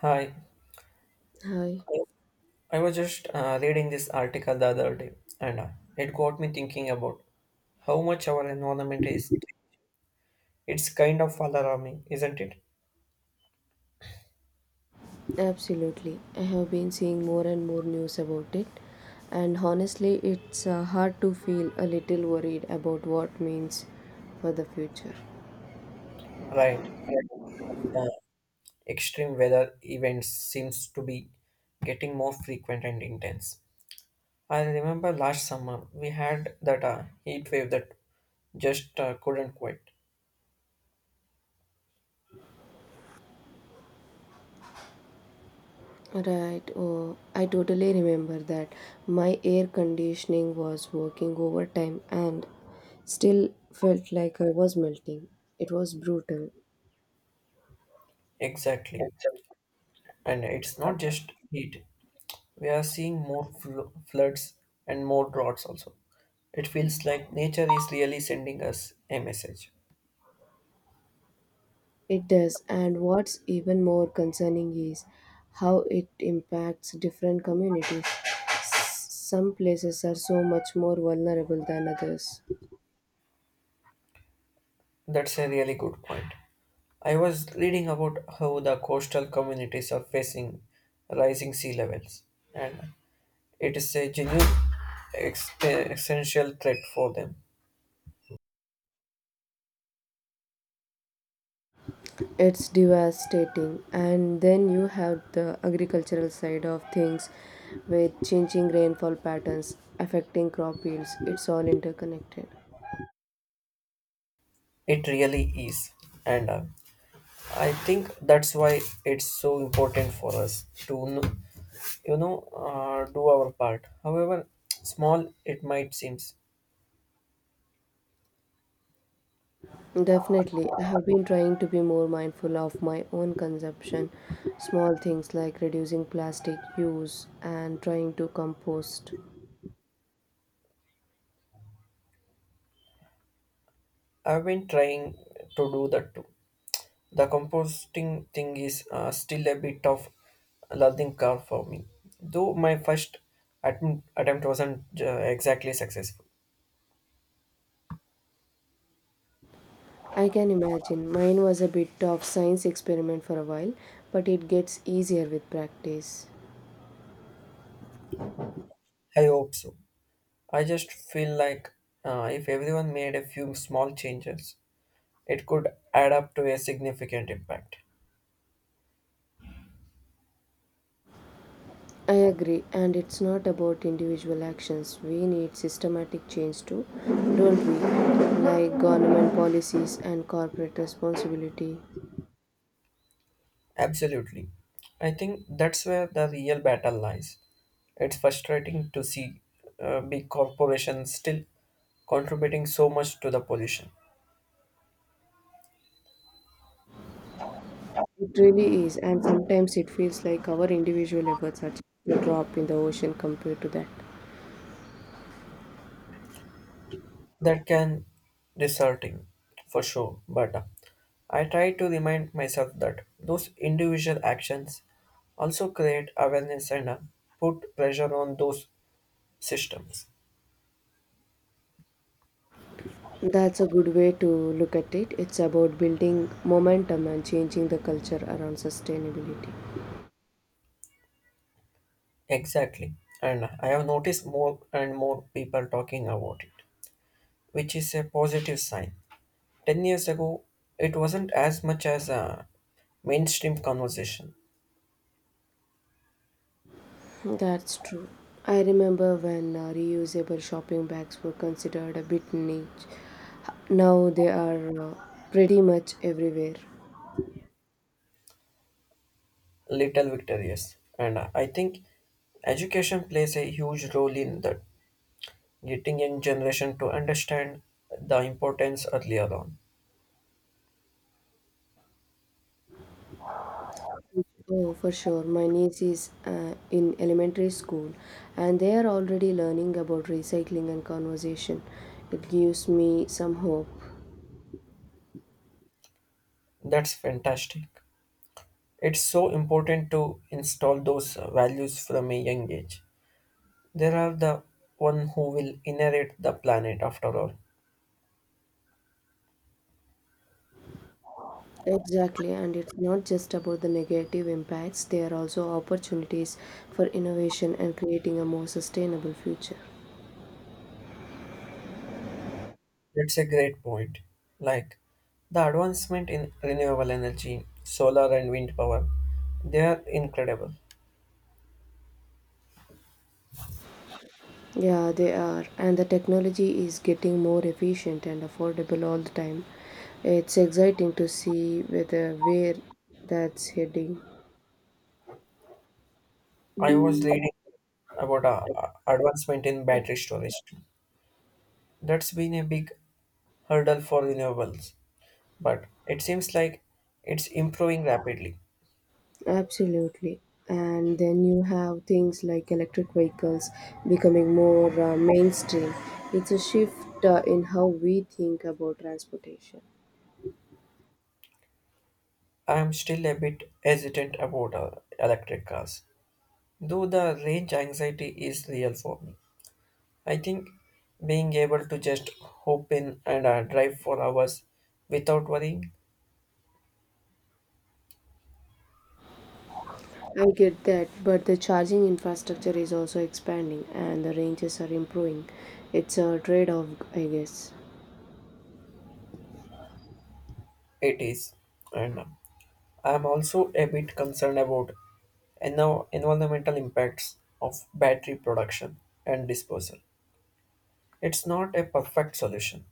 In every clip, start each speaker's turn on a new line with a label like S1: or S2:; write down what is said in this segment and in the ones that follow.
S1: Hi,
S2: Hi,
S1: I was just reading this article the other day, and it got me thinking about how much our environment is. It's kind of alarming, isn't it?
S2: absolutely. I have been seeing more and more news about it, and honestly, it's hard to feel a little worried about what means for the future.
S1: Right. The extreme weather events seems to be getting more frequent and intense. I remember last summer we had that heat wave that just couldn't quit.
S2: Right, oh, I totally remember that my air conditioning was working overtime and still felt like I was melting. It was brutal.
S1: Exactly, and it's not just heat; we are seeing more floods and more droughts also. It feels like nature is really sending us a message.
S2: It does, and what's even more concerning is how it impacts different communities. Some places are so much more vulnerable than others.
S1: That's a really good point. I was reading about how the coastal communities are facing rising sea levels, and it is a genuine existential threat for them.
S2: It's devastating. And then you have the agricultural side of things with changing rainfall patterns affecting crop yields. It's all interconnected.
S1: It really is, and I think that's why it's so important for us to know, you know, do our part. However small it might seem,
S2: Definitely. I have been trying to be more mindful of my own consumption. Small things like reducing plastic use and trying to compost.
S1: I've been trying to do that too. The composting thing is still a bit of a learning curve for me, though my first attempt wasn't exactly successful.
S2: I can imagine. Mine was a bit of science experiment for a while, but it gets easier with practice.
S1: I hope so. I just feel like if everyone made a few small changes, it could add up to a significant impact.
S2: I agree, and it's not about individual actions. We need systematic change too, don't we? Like government policies and corporate responsibility.
S1: Absolutely. I think that's where the real battle lies. It's frustrating to see big corporations still contributing so much to the pollution.
S2: It really is, and sometimes it feels like our individual efforts are just a drop in the ocean compared to that.
S1: That can disheartening for sure, but I try to remind myself that those individual actions also create awareness and put pressure on those systems.
S2: That's a good way to look at it. It's about building momentum and changing the culture around sustainability.
S1: Exactly. And I have noticed more and more people talking about it, which is a positive sign. 10 years ago, it wasn't as much as a mainstream conversation,
S2: That's true. I remember when reusable shopping bags were considered a bit niche. Now they are pretty much everywhere.
S1: little victorious. And I think education plays a huge role in that, getting young generation to understand the importance earlier on.
S2: Oh, for sure. My niece is in elementary school and they are already learning about recycling and conversation. It gives me some hope.
S1: That's fantastic. It's so important to install those values from a young age. There are the one who will inherit the planet after all.
S2: Exactly, and it's not just about the negative impacts, there are also opportunities for innovation and creating a more sustainable future.
S1: It's a great point. Like the advancement in renewable energy, solar and wind power, they are incredible.
S2: Yeah, they are, and the technology is getting more efficient and affordable all the time. It's exciting to see whether where that's heading.
S1: I was reading about advancement in battery storage too. That's been a big hurdle for renewables, but it seems like it's improving rapidly.
S2: Absolutely. And then you have things like electric vehicles becoming more mainstream. It's a shift in how we think about transportation.
S1: I am still a bit hesitant about electric cars, though the range anxiety is real for me. I think being able to just hop in and drive for hours without worrying,
S2: I get that, but the charging infrastructure is also expanding and the ranges are improving. It's a trade off, I guess.
S1: it is. And I'm also a bit concerned about environmental impacts of battery production and disposal. It's not a perfect solution,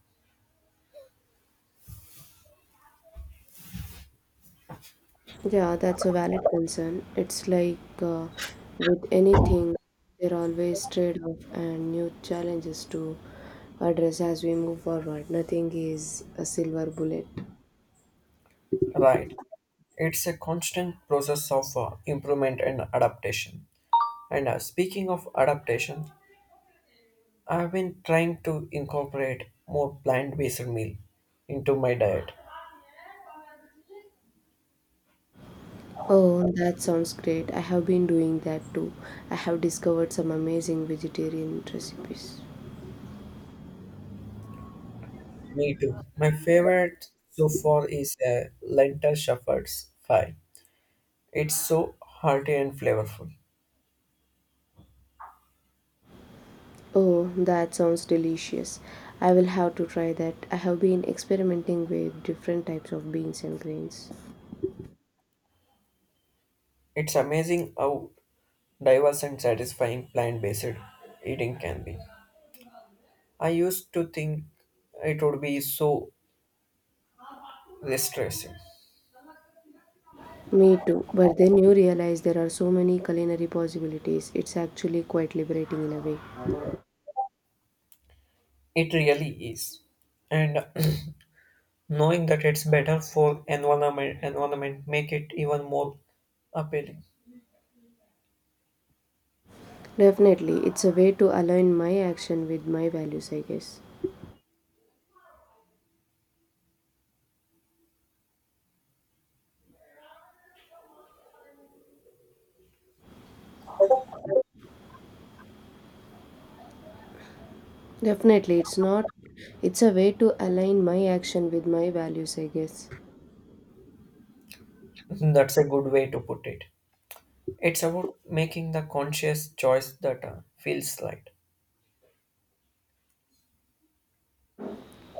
S2: Yeah, that's a valid concern. It's like with anything, there are always trade-off and new challenges to address as we move forward. Nothing is a silver bullet.
S1: right? It's a constant process of improvement and adaptation. And speaking of adaptation, I've been trying to incorporate more plant based meal into my diet.
S2: Oh, that sounds great. I have been doing that too. I have discovered some amazing vegetarian recipes.
S1: Me too. My favorite so far is lentil shepherd's pie. It's so hearty and flavorful.
S2: Oh, that sounds delicious. I will have to try that. I have been experimenting with different types of beans and grains.
S1: It's amazing how diverse and satisfying plant-based eating can be. I used to think it would be so distressing.
S2: Me too. But then you realize there are so many culinary possibilities. It's actually quite liberating in a way.
S1: It really is. And knowing that it's better for environment make it even more appealing.
S2: Definitely, it's a way to align my action with my values, I guess. Definitely, it's not. It's a way to align my action with my values, I guess.
S1: That's a good way to put it. It's about making the conscious choice that feels right.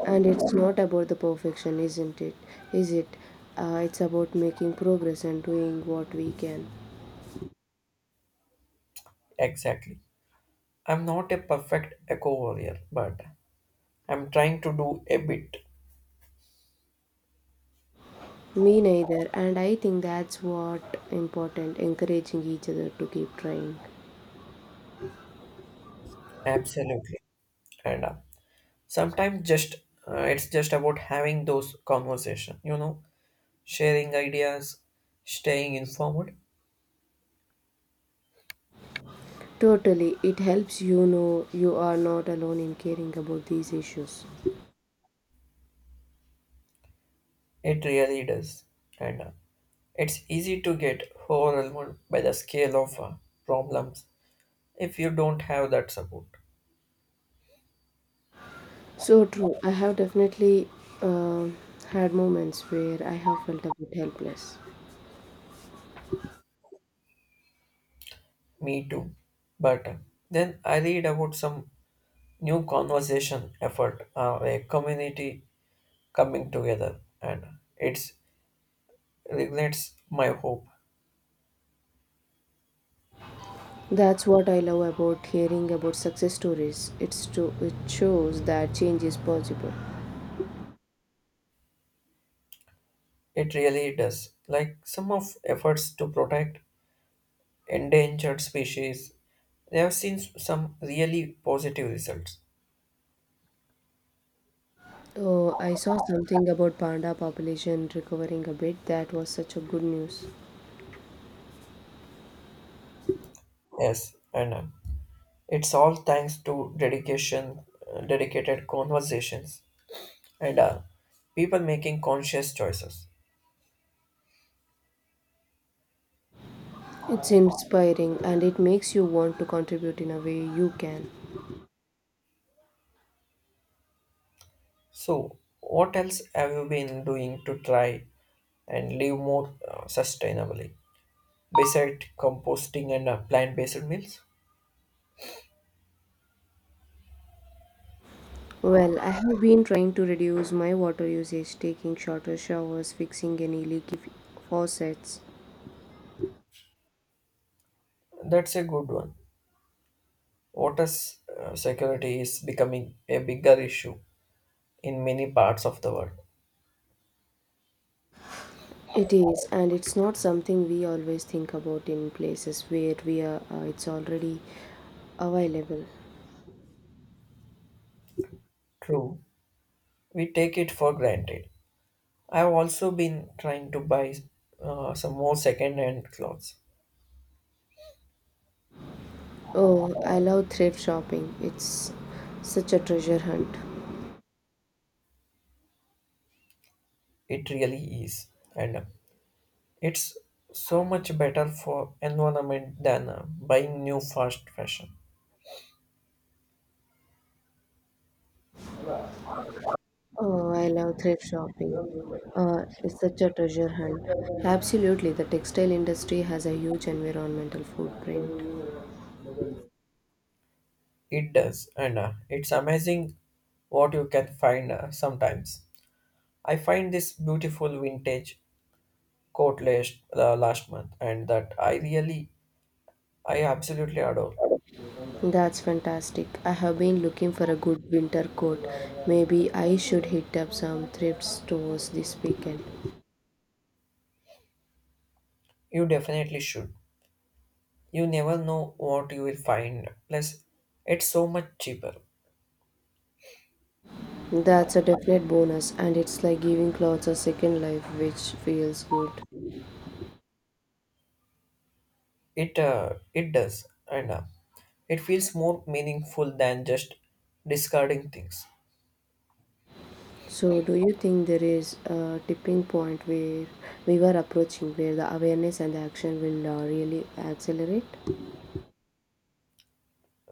S2: And it's not about the perfection, isn't it? Is it? It's about making progress and doing what we can.
S1: Exactly. I'm not a perfect eco warrior, but I'm trying to do a bit.
S2: Me neither, and I think that's what important encouraging each other to keep trying.
S1: Absolutely. And sometimes just it's just about having those conversation. Sharing ideas, staying informed.
S2: Totally. It helps you know you are not alone in caring about these issues.
S1: It really does. And it's easy to get overwhelmed by the scale of problems if you don't have that support.
S2: So true. I have definitely um had moments where I have felt a bit helpless.
S1: Me too. But then I read about some new conversation effort, a community coming together, and it reignites my hope.
S2: That's what I love about hearing about success stories. It shows that change is possible.
S1: It really does. Like some of efforts to protect endangered species, they have seen some really positive results.
S2: Oh, I saw something about panda population recovering a bit. That was such a good news.
S1: Yes, and it's all thanks to dedicated conversations, and people making conscious choices.
S2: It's inspiring and it makes you want to contribute in a way you can.
S1: So, what else have you been doing to try and live more sustainably besides composting and plant-based meals?
S2: Well, I have been trying to reduce my water usage, taking shorter showers, fixing any faucets.
S1: That's a good one. Water security is becoming a bigger issue in many parts of the world.
S2: It is, and it's not something we always think about in places where we are, it's already available.
S1: True, we take it for granted. I've also been trying to buy some more second-hand clothes.
S2: Oh, I love thrift shopping. It's such a treasure hunt.
S1: It really is, and it's so much better for environment than buying new fast fashion.
S2: Oh, I love thrift shopping. It's such a treasure hunt. Absolutely, the textile industry has a huge environmental footprint.
S1: It does, and it's amazing what you can find sometimes. I find this beautiful vintage coat last month, and that I absolutely adore.
S2: That's fantastic. I have been looking for a good winter coat. Maybe I should hit up some thrift stores this weekend.
S1: You definitely should. You never know what you will find. Plus, it's so much cheaper.
S2: That's a definite bonus, and it's like giving clothes a second life, which feels good.
S1: It does, and it feels more meaningful than just discarding things.
S2: So, do you think there is a tipping point where we were approaching where the awareness and the action will really accelerate?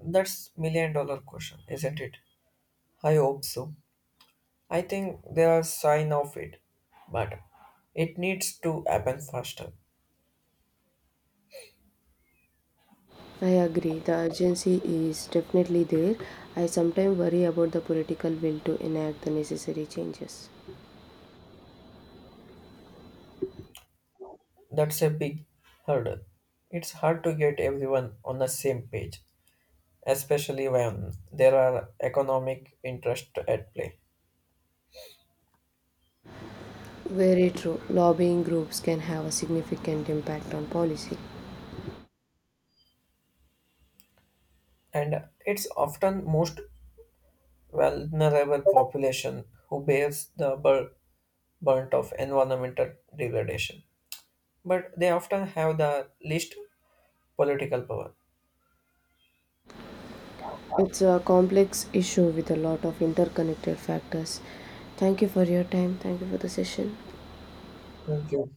S1: That's million dollar question, isn't it? I hope so. I think there are sign of it, but it needs to happen faster.
S2: I agree, the urgency is definitely there. I sometimes worry about the political will to enact the necessary changes.
S1: That's a big hurdle. It's hard to get everyone on the same page, especially when there are economic interests at play.
S2: Very true. Lobbying groups can have a significant impact on policy.
S1: And it's often most vulnerable population who bears the brunt of environmental degradation. But they often have the least political power.
S2: It's a complex issue with a lot of interconnected factors. Thank you for your time. Thank you for the session.
S1: Thank you.